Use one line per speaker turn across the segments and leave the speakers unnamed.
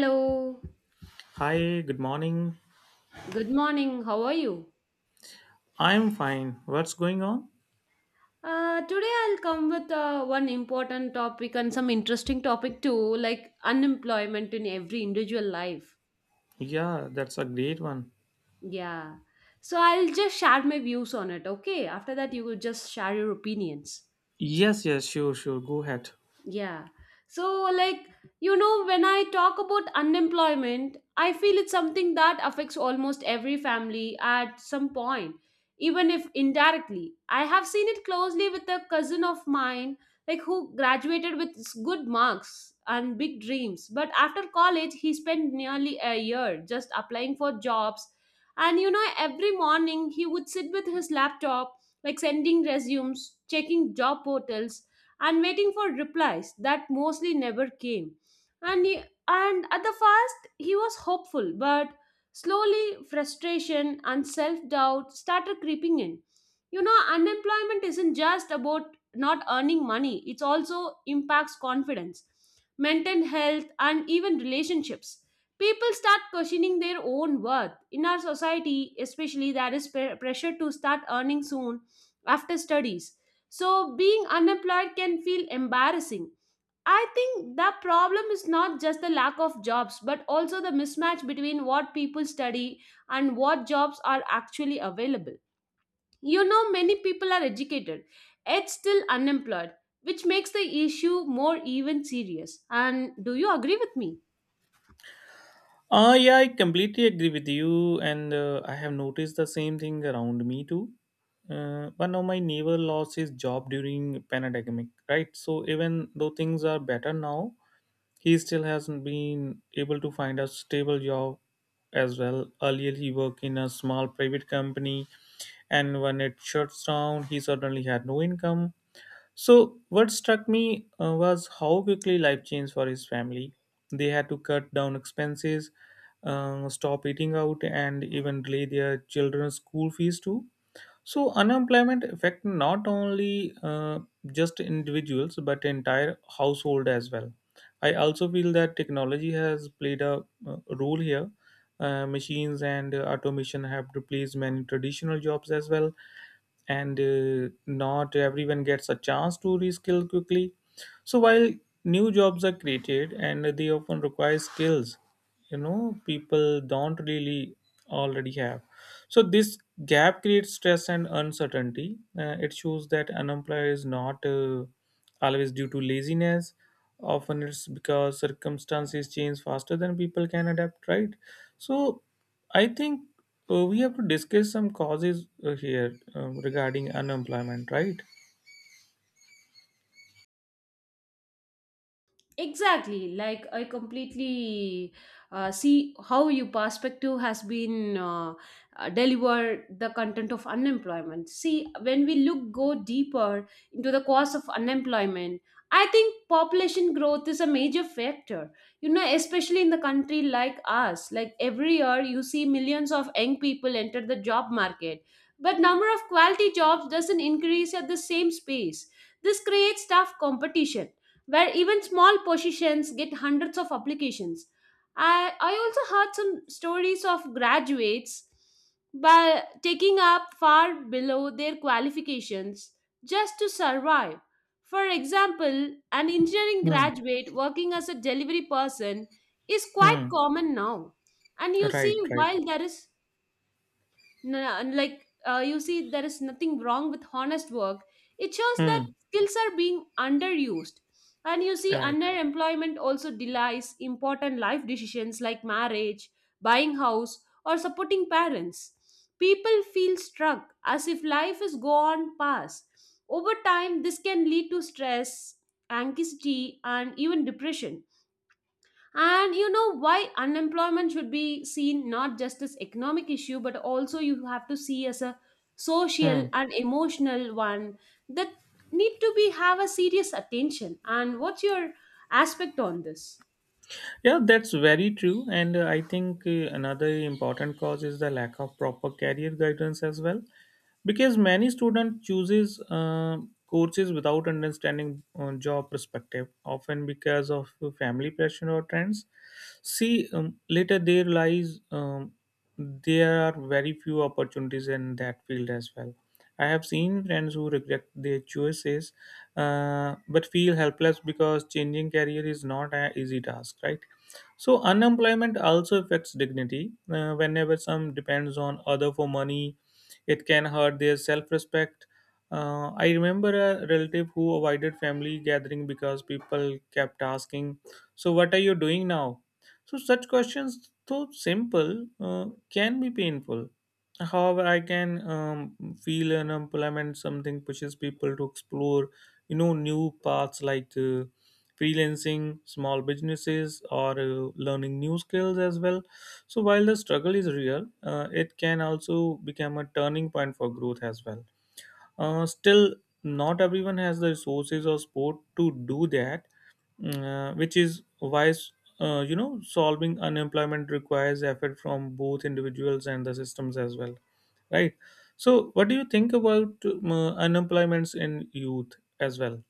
Hello,
Hi, good morning.
good morning. How are you?
I'm fine. What's going on?
Today I'll come with one important topic and some interesting topic too, like unemployment in every individual life.
Yeah, that's a great one.
Yeah. So I'll just share my views on it, okay? After that, you will just share your opinions.
Yes, yes, sure, sure. Go ahead.
Yeah. So, like, when I talk about unemployment, I feel it's something that affects almost every family at some point, even if indirectly. I have seen it closely with a cousin of mine, who graduated with good marks and big dreams. But after college, he spent nearly a year just applying for jobs. And every morning he would sit with his laptop, sending resumes, checking job portals and waiting for replies that mostly never came. And, he, and at the first, he was hopeful, but slowly frustration and self doubt started creeping in. Unemployment isn't just about not earning money, it also impacts confidence, mental health, and even relationships. People start questioning their own worth. In our society, especially, there is pressure to start earning soon after studies, so being unemployed can feel embarrassing. I think the problem is not just the lack of jobs, but also the mismatch between what people study and what jobs are actually available. Many people are educated, yet still unemployed, which makes the issue more even serious. And do you agree with me?
Yeah, I completely agree with you, and I have noticed the same thing around me too. One of my neighbor lost his job during pandemic, right? So even though things are better now, he still hasn't been able to find a stable job as well. Earlier, he worked in a small private company, and when it shuts down, he suddenly had no income. So, what struck me was how quickly life changed for his family. They had to cut down expenses, stop eating out, and even delay their children's school fees too. So, unemployment affected not only just individuals but entire household as well. I also feel that technology has played a role here. Machines and automation have replaced many traditional jobs as well, and not everyone gets a chance to reskill quickly. So while new jobs are created and they often require skills, people don't really already have. So this gap creates stress and uncertainty. It shows that unemployed is not always due to laziness. Often it's because circumstances change faster than people can adapt, right? So I think we have to discuss some causes here, regarding unemployment, right?
Exactly, like, I completely see how your perspective has been deliver the content of unemployment. See, when we look go deeper into the cause of unemployment, I think population growth is a major factor. You know, especially in the country like us, like every year you see millions of young people enter the job market, but number of quality jobs doesn't increase at the same pace. This creates tough competition where even small positions get hundreds of applications. I also heard some stories of graduates by taking up far below their qualifications just to survive. For example, an engineering
Hmm.
graduate working as a delivery person is quite
Hmm.
common now. And you see,
Right. Right.
while there is N- and like you see there is nothing wrong with honest work. It shows
Hmm.
that skills are being underused, and you see
right
underemployment also delays important life decisions like marriage, buying house, or supporting parents. People feel struck as if life is gone past. Over time this can lead to stress, anxiety, and even depression. And you know why unemployment should be seen not just as economic issue but also you have to see as a social
hmm
and emotional one, that need to be have a serious attention. And what's your aspect on this?
Yeah, that's very true. And I think another important cause is the lack of proper career guidance as well, because many student chooses courses without understanding job perspective, often because of family pressure or trends. See, later they realize, there are very few opportunities in that field as well. I have seen friends who regret their choices, but feel helpless because changing career is not an easy task, right? So unemployment also affects dignity. Whenever some depends on other for money, it can hurt their self-respect. I remember a relative who avoided family gathering because people kept asking, "So what are you doing now?" So such questions, though simple, uh, can be painful. However, I can feel unemployment something pushes people to explore, new paths like. Freelancing, small businesses, or learning new skills as well. So, while the struggle is real, it can also become a turning point for growth as well. Still, not everyone has the resources or support to do that, which is why solving unemployment requires effort from both individuals and the systems as well, right? So, what do you think about unemployments in youth as well?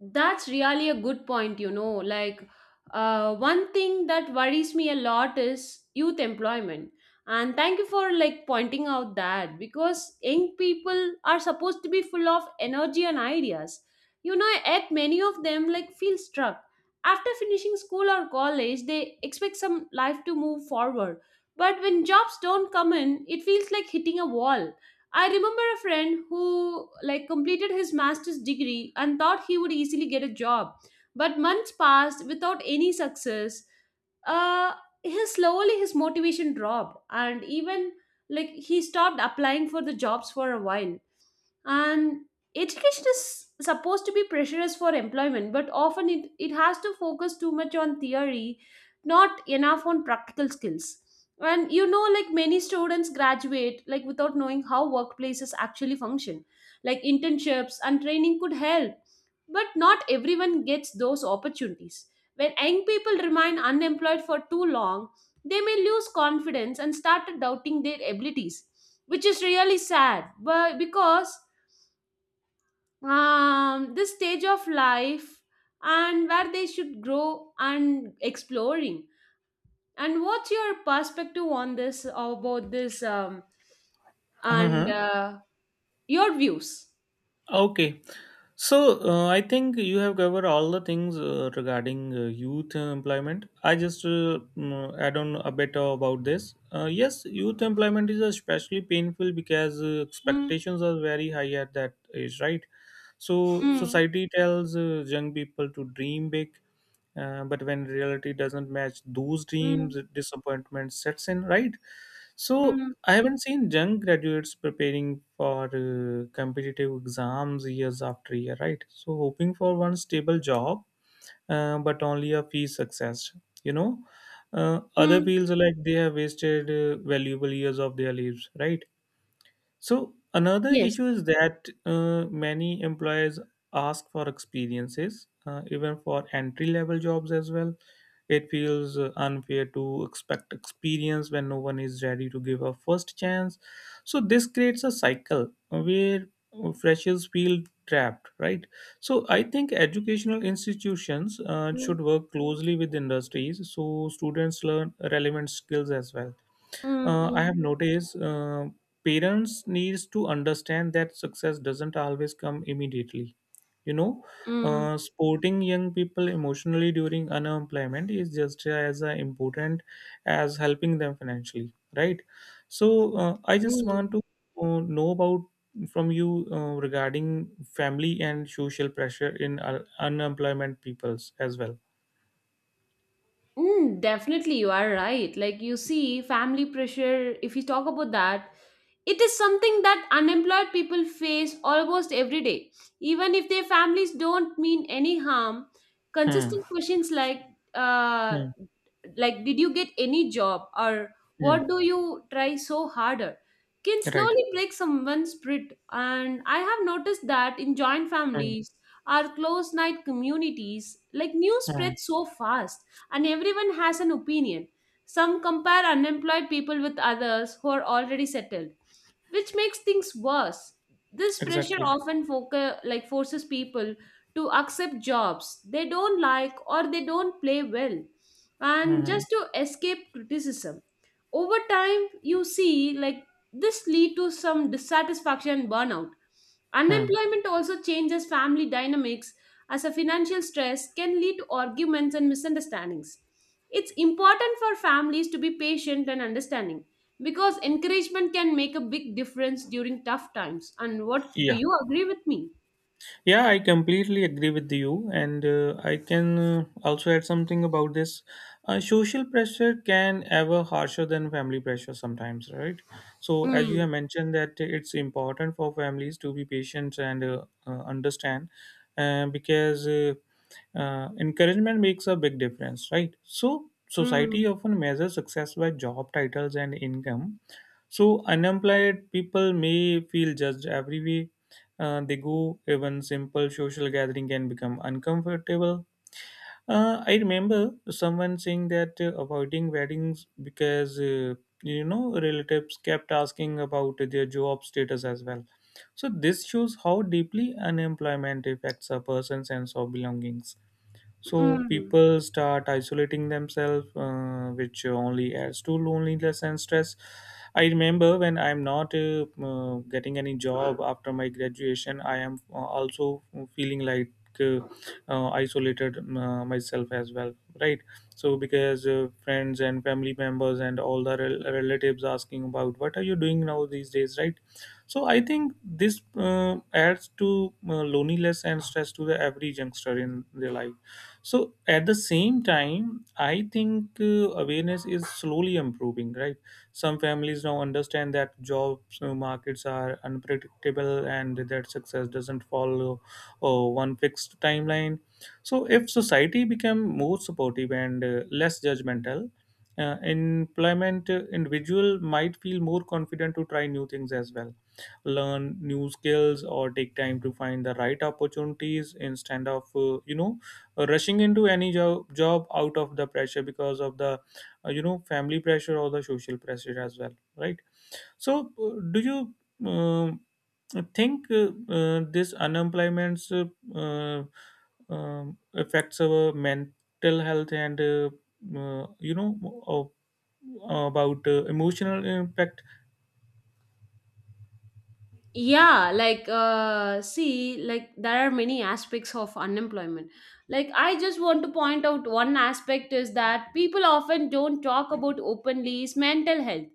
That's really a good point, you know. Like, one thing that worries me a lot is youth employment. And thank you for like pointing out that, because young people are supposed to be full of energy and ideas. You know, yet many of them like feel stuck. After finishing school or college, they expect some life to move forward. But when jobs don't come in, it feels like hitting a wall. I remember a friend who like completed his master's degree and thought he would easily get a job, but months passed without any success. Uh, his slowly his motivation dropped, and even like he stopped applying for the jobs for a while. And education is supposed to be pressurized for employment, but often it has to focus too much on theory, not enough on practical skills. And you know, like many students graduate like without knowing how workplaces actually function. Like internships and training could help, but not everyone gets those opportunities. When young people remain unemployed for too long, they may lose confidence and start doubting their abilities, which is really sad, but because this stage of life, and where they should grow and exploring. And what's your perspective on this, about this, and
Uh-huh.
your views?
Okay. So I think you have covered all the things regarding youth employment. I just add on a bit about this. Yes, youth employment is especially painful because
Mm,
expectations are very high at that age, right? So
mm,
society tells young people to dream big, but when reality doesn't match those dreams,
mm,
disappointment sets in, right? So
mm,
I haven't seen young graduates preparing for competitive exams years after year, right? So hoping for one stable job, but only a fee success. You know, other
mm.
feels like they have wasted valuable years of their lives, right? So another
Yes.
issue is that many employers ask for experiences, even for entry level jobs as well. It feels unfair to expect experience when no one is ready to give a first chance. So this creates a cycle where freshers feel trapped, right? So I think educational institutions
Mm,
should work closely with industries so students learn relevant skills as well.
mm,
I have
mm,
noticed, parents needs to understand that success doesn't always come immediately. you know
mm,
uh, supporting young people emotionally during unemployment is just as important as helping them financially, right? So I just
mm.
want to know about from you regarding family and social pressure in unemployment peoples as well.
Mm, definitely, you are right. Like you see, family pressure. If you talk about that, it is something that unemployed people face almost every day, even if their families don't mean any harm.
Hmm.
Consistent questions like, uh,
Hmm.
did you get any job? Or
Hmm.
what do you try so harder? Can
right
slowly break someone's spirit. And I have noticed that in joint
hmm.
families, our close knit communities, like news
Hmm.
spreads so fast and everyone has an opinion. Some compare unemployed people with others who are already settled, which makes things worse. This pressure
exactly
often forces people to accept jobs they don't like or they don't play well, and
hmm
just
hmm.
to escape criticism. Over time you see like this lead to some dissatisfaction and burnout.
Hmm.
Unemployment also changes family dynamics, as a financial stress can lead to arguments and misunderstandings. It's important for families to be patient and understanding, because encouragement can make a big difference during tough times. And what do
Yeah,
you agree with me?
yeah, I completely agree with you, and I can also add something about this. Social pressure can ever harsher than family pressure sometimes, right? So, as you
Mm,
have mentioned, that it's important for families to be patient and understand, because encouragement makes a big difference, right? So, society
mm,
often measures success by job titles and income. So unemployed people may feel judged every way they go. Even simple social gathering can become uncomfortable. I remember someone saying that avoiding weddings because relatives kept asking about their job status as well. So this shows how deeply unemployment affects a person's sense of belongings. So
mm.
people start isolating themselves, which only adds to loneliness and stress. I remember when I'm not getting any job after my graduation, I am also feeling like uh, isolated myself as well, right? So because friends and family members and all the relatives asking about what are you doing now these days, right? So I think this adds to loneliness and stress to the every youngster in their life. So at the same time, I think awareness is slowly improving, right? Some families now understand that job markets are unpredictable and that success doesn't follow one fixed timeline. So if society become more supportive and less judgmental, employment individual might feel more confident to try new things as well, learn new skills or take time to find the right opportunities instead of rushing into any job out of the pressure because of the family pressure or the social pressure as well, right? So do you um, think this unemployment uh, um, affects our mental health and uh, you know uh, about emotional impact.
Yeah, like see, like there are many aspects of unemployment. Like I just want to point out one aspect is that people often don't talk about openly is mental health.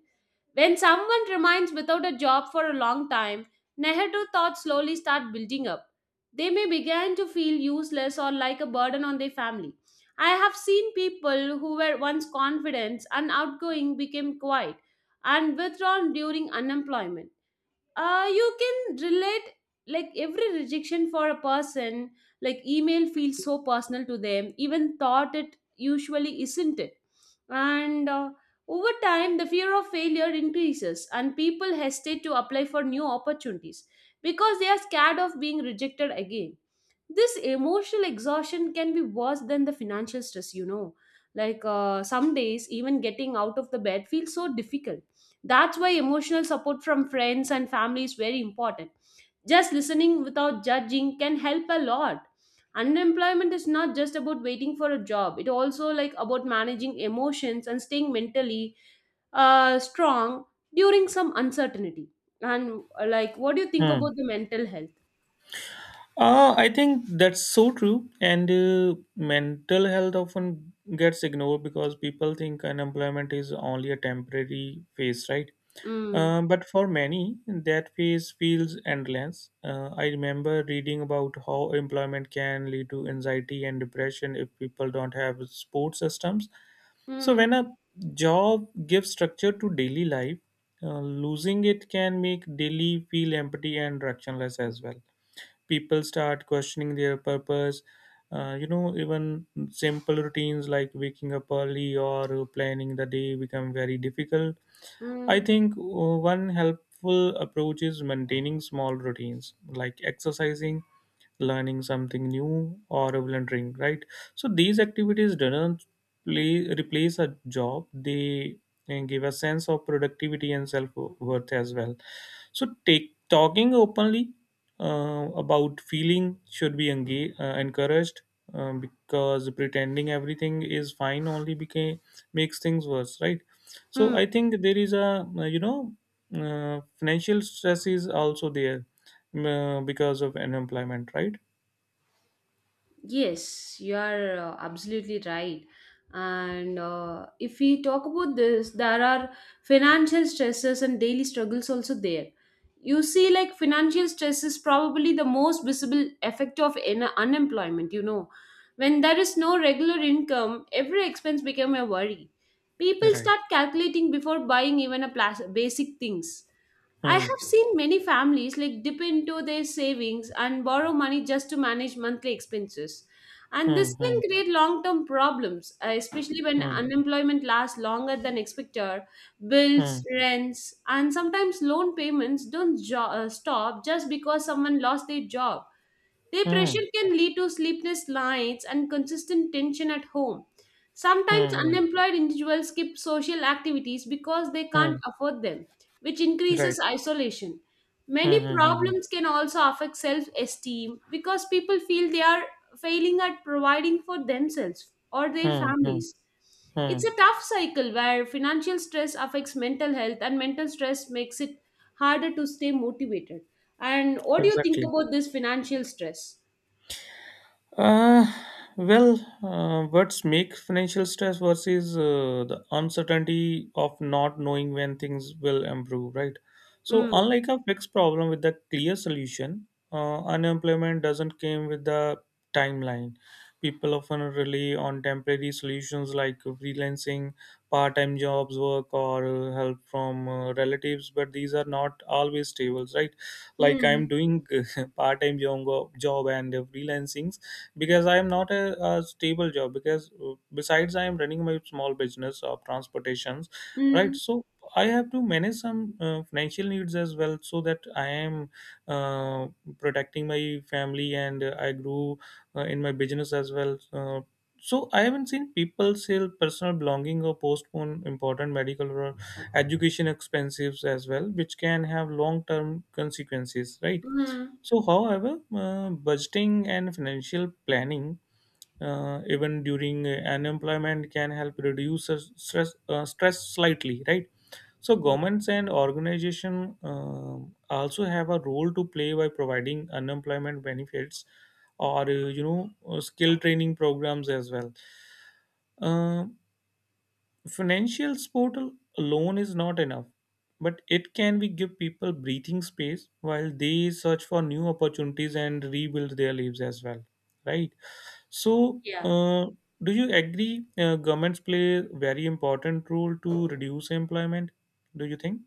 When someone remains without a job for a long time, negative thoughts slowly start building up. They may begin to feel useless or like a burden on their family. I have seen people who were once confident and outgoing became quiet and withdrawn during unemployment. You can relate, like every rejection for a person like email feels so personal to them, even thought it usually isn't it. And Over time the fear of failure increases and people hesitate to apply for new opportunities because they are scared of being rejected again. This emotional exhaustion can be worse than the financial stress, you know. Like some days even getting out of the bed feels so difficult. That's why emotional support from friends and family is very important. Just listening without judging can help a lot. Unemployment is not just about waiting for a job. It also like about managing emotions and staying mentally strong during some uncertainty. And what do you think
Hmm.
about the mental health?
I think that's so true. And mental health often gets ignored because people think unemployment is only a temporary phase, right?
Mm.
But for many, that phase feels endless. I remember reading about how employment can lead to anxiety and depression if people don't have support systems. So, when
Mm.
a job gives structure to daily life, losing it can make daily feel empty and directionless as well. People start questioning their purpose. Even simple routines like waking up early or planning the day become very difficult. I
Mm.
think one helpful approach is maintaining small routines like exercising, learning something new, or volunteering, right? So these activities don't replace a job, they give a sense of productivity and self worth as well. So, talking openly about feeling should be encouraged, because pretending everything is fine only makes things worse, right? So,
Mm.
I think there is financial stress is also there because of unemployment, right?
Yes, you are absolutely right. And if we talk about this, there are financial stresses and daily struggles also there. You see, like financial stress is probably the most visible effect of unemployment, you know. When there is no regular income, every expense become a worry. People
Right.
start calculating before buying even a basic things. I
Hmm.
have seen many families like dip into their savings and borrow money just to manage monthly expenses. And
Hmm.
this
Hmm.
can create long term problems, especially when unemployment lasts longer than expected.
Hmm.
Bills, rents, and sometimes loan payments don't stop just because someone lost their job. Their
Hmm.
pressure
Hmm.
can lead to sleepless nights and consistent tension at home. Sometimes
Hmm. Hmm. Hmm.
unemployed individuals skip social activities because they
hmm,
can't afford them, which
Right.
increases isolation. Many
Hmm. Hmm. Hmm.
problems can also affect self esteem because people feel they are failing at providing for themselves or their
Hmm. Hmm. Hmm.
families.
hmm,
It's
hmm,
a tough cycle where financial stress affects mental health and mental stress makes it harder to stay motivated. And what do you think
Exactly.
about this financial stress?
Uh, well, what's make financial stress versus the uncertainty of not knowing when things will improve, right? So,
Mm,
unlike a fixed problem with a clear solution, unemployment doesn't come with a timeline. People often rely on temporary solutions like freelancing, part-time jobs, work, or help from relatives, but these are not always stable, right? Like I'm
mm,
doing part-time job and freelancing, because I am not a stable job, because besides I am running my small business of transportations, right?
mm,
So I have to manage some financial needs as well so that I am uh, protecting my family, and I grew in my business as well. So I haven't seen people sell personal belonging or postpone important medical or education expenses as well, which can have long term consequences, right?
mm.
So, however, budgeting and financial planning, even during unemployment, can help reduce stress slightly, right? So,
Yeah.
governments and organizations also have a role to play by providing unemployment benefits or skill training programs as well. Um Financial portal alone is not enough, but it can be give people breathing space while they search for new opportunities and rebuild their lives as well, right? So
Yeah.
do you agree governments play very important role to reduce employment, do you think?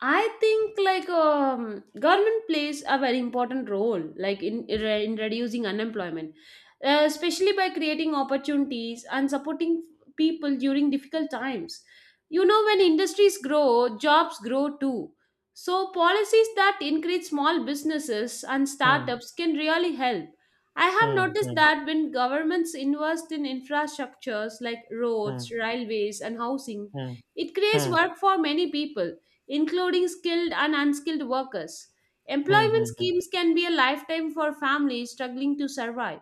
I think like government plays a very important role, like in reducing unemployment, especially by creating opportunities and supporting people during difficult times. You know, when industries grow, jobs grow too. So policies that encourage small businesses and
Hmm,
startups can really help. I have
hmm,
noticed
hmm,
that when governments invest in infrastructures like roads,
hmm,
railways, and housing,
hmm,
it creates
hmm,
work for many people including skilled and unskilled workers.
hmm, hmm,
Employment
hmm, hmm,
schemes can be a lifetime for families struggling to survive.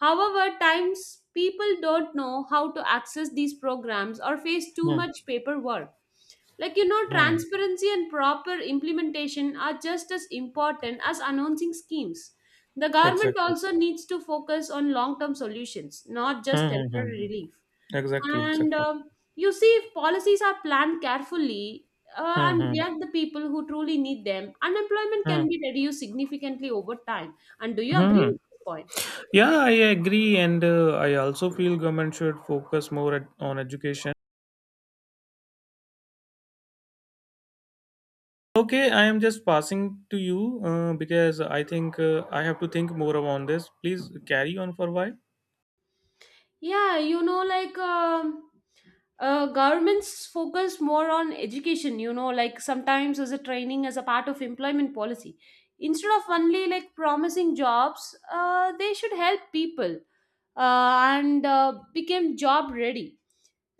However, times people don't know how to access these programs or face too
hmm.
much paperwork. Like you know,
hmm.
transparency and proper implementation are just as important as announcing schemes. The government
exactly
also needs to focus on long term solutions, not
Hmm,
just
hmm, hmm.
temporary relief.
exactly
And
exactly
you see, if policies are planned carefully
Hmm,
and
hmm,
react the people who truly need them, unemployment
hmm,
can be reduced significantly over time. And do you
hmm.
agree
hmm.
with this point?
Yeah, I agree, and I also feel government should focus more on education. Okay, I am just passing to you because I think I have to think more on this. Please carry on for a while.
Yeah, you know, like governments focus more on education, you know, like sometimes as a training as a part of employment policy. Instead of only like promising jobs, they should help people and become job ready.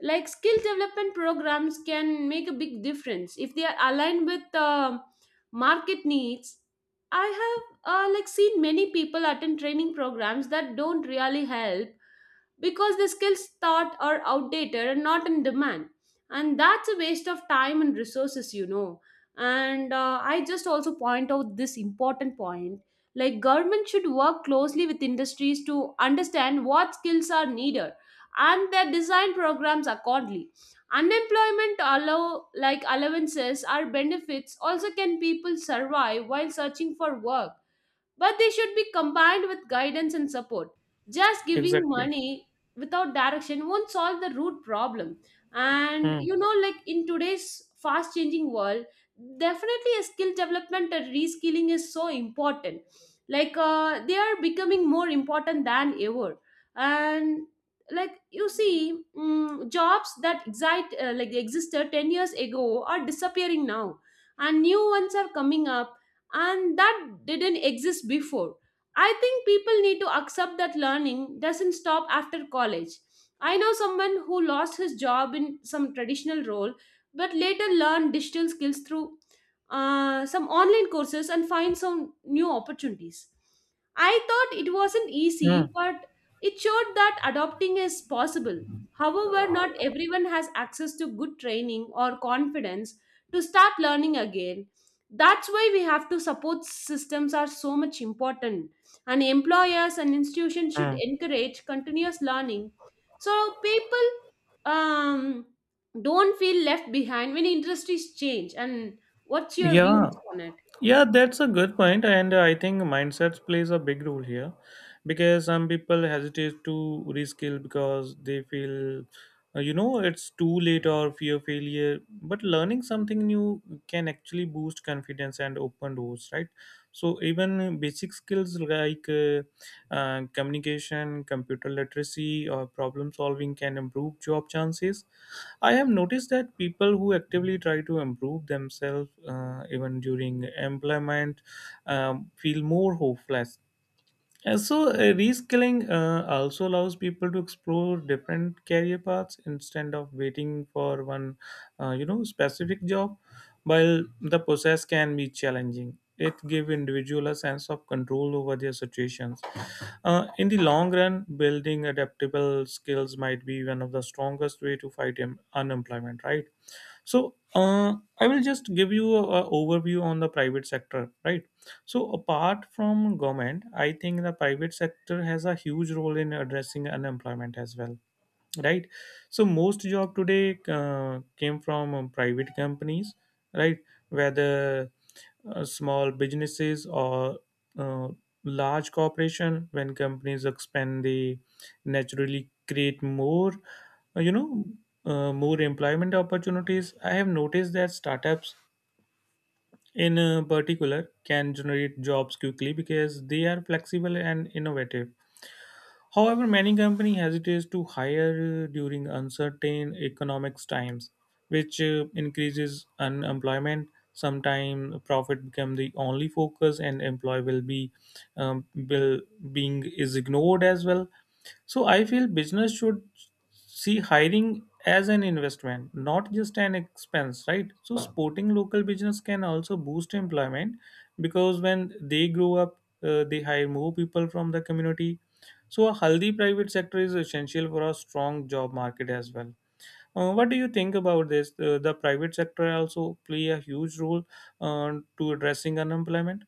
Like skill development programs can make a big difference if they are aligned with market needs. I have like seen many people attend training programs that don't really help because the skills taught are outdated and not in demand, and that's a waste of time and resources, you know. And I just also point out this important point, like government should work closely with industries to understand what skills are needed and their design programs accordingly. Unemployment allow like allowances or benefits also can people survive while searching for work, but they should be combined with guidance and support. Just giving
Exactly.
money without direction won't solve the root problem. And
Hmm.
you know, like in today's fast changing world, definitely a skill development and reskilling is so important. They are becoming more important than ever. And like you see, jobs that exist like they existed 10 years ago are disappearing now, and new ones are coming up and that didn't exist before. I think people need to accept that learning doesn't stop after college. I know someone who lost his job in some traditional role but later learned digital skills through some online courses and find some new opportunities. I thought it wasn't easy,
Hmm.
but it showed that adopting is possible. However, not everyone has access to good training or confidence to start learning again. That's why we have to support systems are so much important, and employers and institutions should
Hmm.
encourage continuous learning so people um, don't feel left behind when industries change. And what's your views
Yeah,
on it?
yeah, that's a good point, and I think mindset plays a big role here, because some people hesitate to reskill because they feel, you know, it's too late or fear failure. But learning something new can actually boost confidence and open doors, right? So even basic skills like communication, computer literacy, or problem solving can improve job chances. I have noticed that people who actively try to improve themselves, even during employment, feel more hopeless. And so, reskilling also allows people to explore different career paths instead of waiting for one, you know, specific job. While the process can be challenging, it gives individual a sense of control over their situations. In the long run, building adaptable skills might be one of the strongest way to fight unemployment, right? So, I will just give you an overview on the private sector, right? So, apart from government, I think the private sector has a huge role in addressing unemployment as well, right? So, most job today came from private companies, right? Whether small businesses or uh, large corporation, when companies expand they naturally create more uh, you know more employment opportunities. I have noticed that startups in particular can generate jobs quickly because they are flexible and innovative. However, many companies hesitate to hire during uncertain economic times, which increases unemployment. Sometimes profit become the only focus, and employee will be will being is ignored as well. So I feel business should see hiring as an investment, not just an expense, right? So supporting local business can also boost employment because when they grow up, they hire more people from the community. So a healthy private sector is essential for a strong job market as well. What do you think about this? The private sector also play a huge role uh, to addressing unemployment,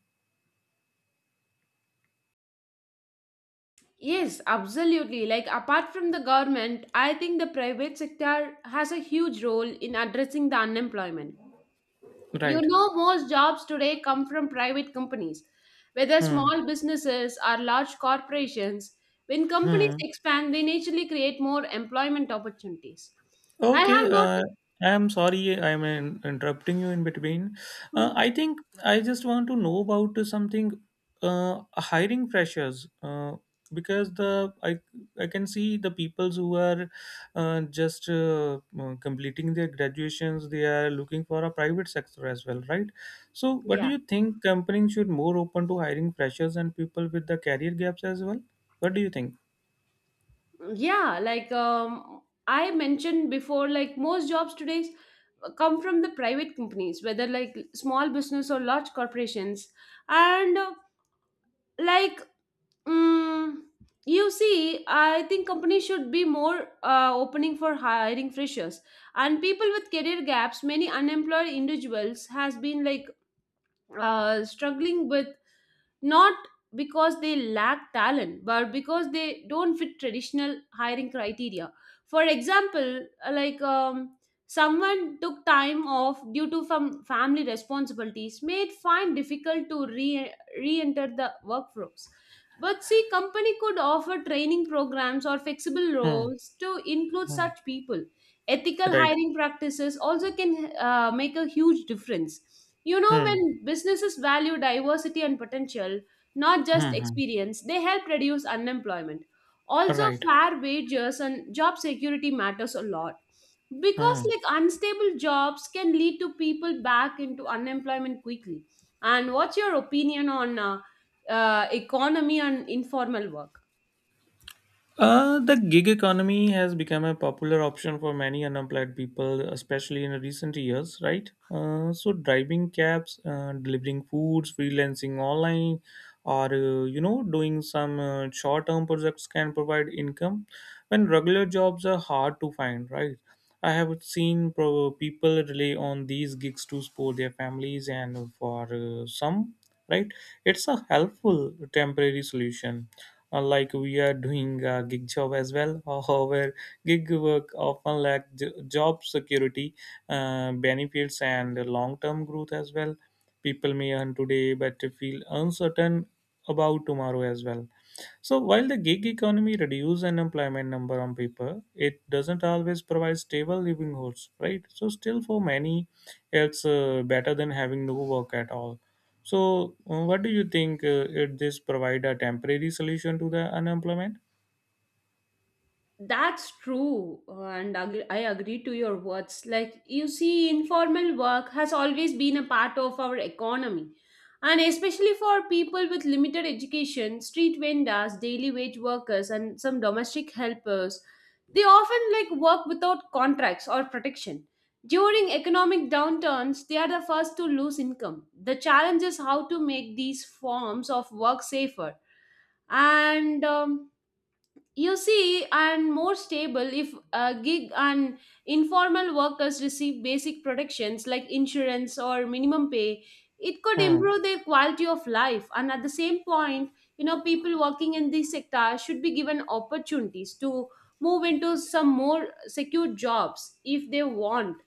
Yes, absolutely. Like apart from the government, I think the private sector has a huge role in addressing the unemployment. You
right?
know, most jobs today come from private companies, whether
Hmm.
small businesses or large corporations. When companies
Hmm.
expand, they naturally create more employment opportunities. I have
Okay,
noticed.
I'm sorry I'm interrupting you in between.
Hmm,
I think I just want to know about something hiring pressures, because the I can see the peoples who are just completing their graduations, they are looking for a private sector as well, right? So, what do
yeah,
you think companies should more open to hiring freshers and people with the career gaps as well? What do you think?
yeah, I mentioned before, like most jobs today come from the private companies, whether like small business or large corporations, and like mm, you see, I think companies should be more opening for hiring freshers and people with career gaps. Many unemployed individuals has been like struggling with not because they lack talent, but because they don't fit traditional hiring criteria. For example, someone took time off due to family responsibilities may find difficult to re-enter the workforce, but see company could offer training programs or flexible
Hmm.
roles to include
Hmm.
such people. Ethical
Right.
hiring practices also can make a huge difference. You know,
Hmm.
when businesses value diversity and potential, not just
Hmm. Hmm.
experience, they help reduce unemployment. Also,
Right.
fair wages and job security matters a lot because
Hmm.
like unstable jobs can lead to people back into unemployment quickly. And what's your opinion on economy and informal work?
The gig economy has become a popular option for many unemployed people, especially in recent years, right? So, driving cabs, delivering foods, freelancing online, or you know, doing some short-term projects can provide income when regular jobs are hard to find, right? I have seen people rely on these gigs to support their families, and for some, right, it's a helpful temporary solution, like we are doing a gig job as well. However, gig work often lack job security, benefits, and long-term growth as well. People may earn today but feel uncertain about tomorrow as well. So while the gig economy reduces unemployment number on paper, it doesn't always provide stable living hours, right? So still for many, it's better than having no work at all. So what do you think? It this provide a temporary solution to the unemployment?
That's true, and I agree to your words. Like, you see, informal work has always been a part of our economy, and especially for people with limited education, street vendors, daily wage workers, and some domestic helpers, they often like work without contracts or protection. During economic downturns, they are the first to lose income. The challenge is how to make these forms of work safer and, you see, and more stable if gig and informal workers receive basic protections like insurance or minimum pay. It could
Hmm.
improve their quality of life, and at the same point, you know, people working in this sector should be given opportunities to move into some more secure jobs if they want.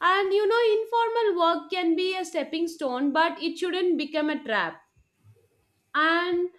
And you know, informal work can be a stepping stone, but it shouldn't become a trap. And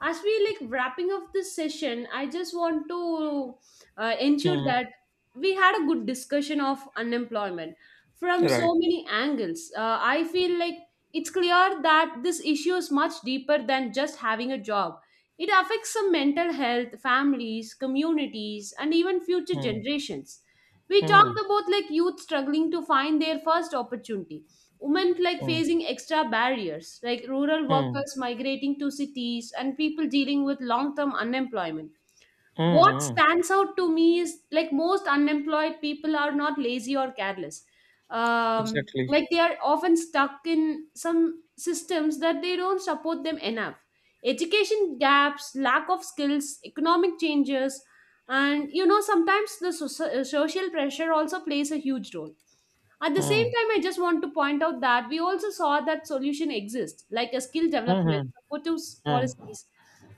as we like wrapping up this session, I just want to ensure
Hmm.
that we had a good discussion of unemployment from
Right.
so many angles. I feel like it's clear that this issue is much deeper than just having a job. It affects some mental health, families, communities, and even future
Hmm.
generations. We
Hmm.
talked about like youth struggling to find their first opportunity, women like
Hmm.
facing extra barriers, like rural
Hmm.
workers migrating to cities and people dealing with long term unemployment.
Hmm.
What
Hmm.
stands out to me is like most unemployed people are not lazy or careless.
Exactly.
Like they are often stuck in some systems that they don't support them enough. Education gaps, lack of skills, economic changes, and you know sometimes the social pressure also plays a huge role. At the same
Hmm.
time, I just want to point out that we also saw that solution exists, like a skill
Hmm.
development,
Hmm.
supportive
Hmm.
policies,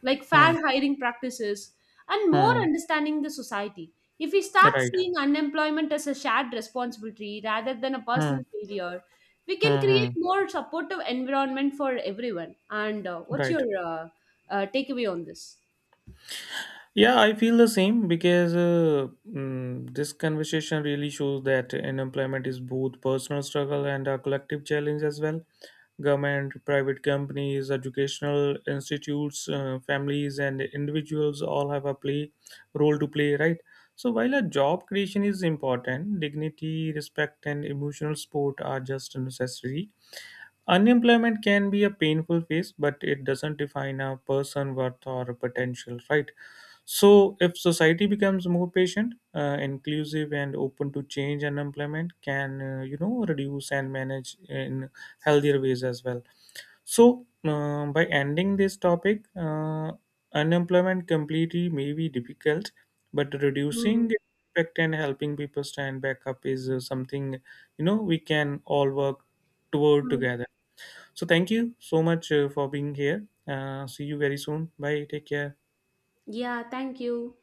like
Hmm.
fair hiring practices, and more
Hmm.
understanding the society. If we start
Right.
seeing unemployment as a shared responsibility rather than a
Hmm.
personal failure, we can
Hmm.
create
Hmm.
more supportive environment for everyone. And what's
Right.
your takeaway on this?
Yeah, I feel the same because this conversation really shows that unemployment is both personal struggle and a collective challenge as well. Government, private companies, educational institutes, families, and individuals all have a play role to play, right? So while a job creation is important, dignity, respect, and emotional support are just necessary. Unemployment can be a painful phase, but it doesn't define a person worth or potential, right? So, if society becomes more patient, inclusive, and open to change, unemployment can, you know, reduce and manage in healthier ways as well. So, by ending this topic, unemployment completely may be difficult, but
Mm,
reducing it impact and helping people stand back up is something, you know, we can all work toward
mm.
together. So, thank you so much for being here. See you very soon. Bye. Take care.
Yeah, thank you.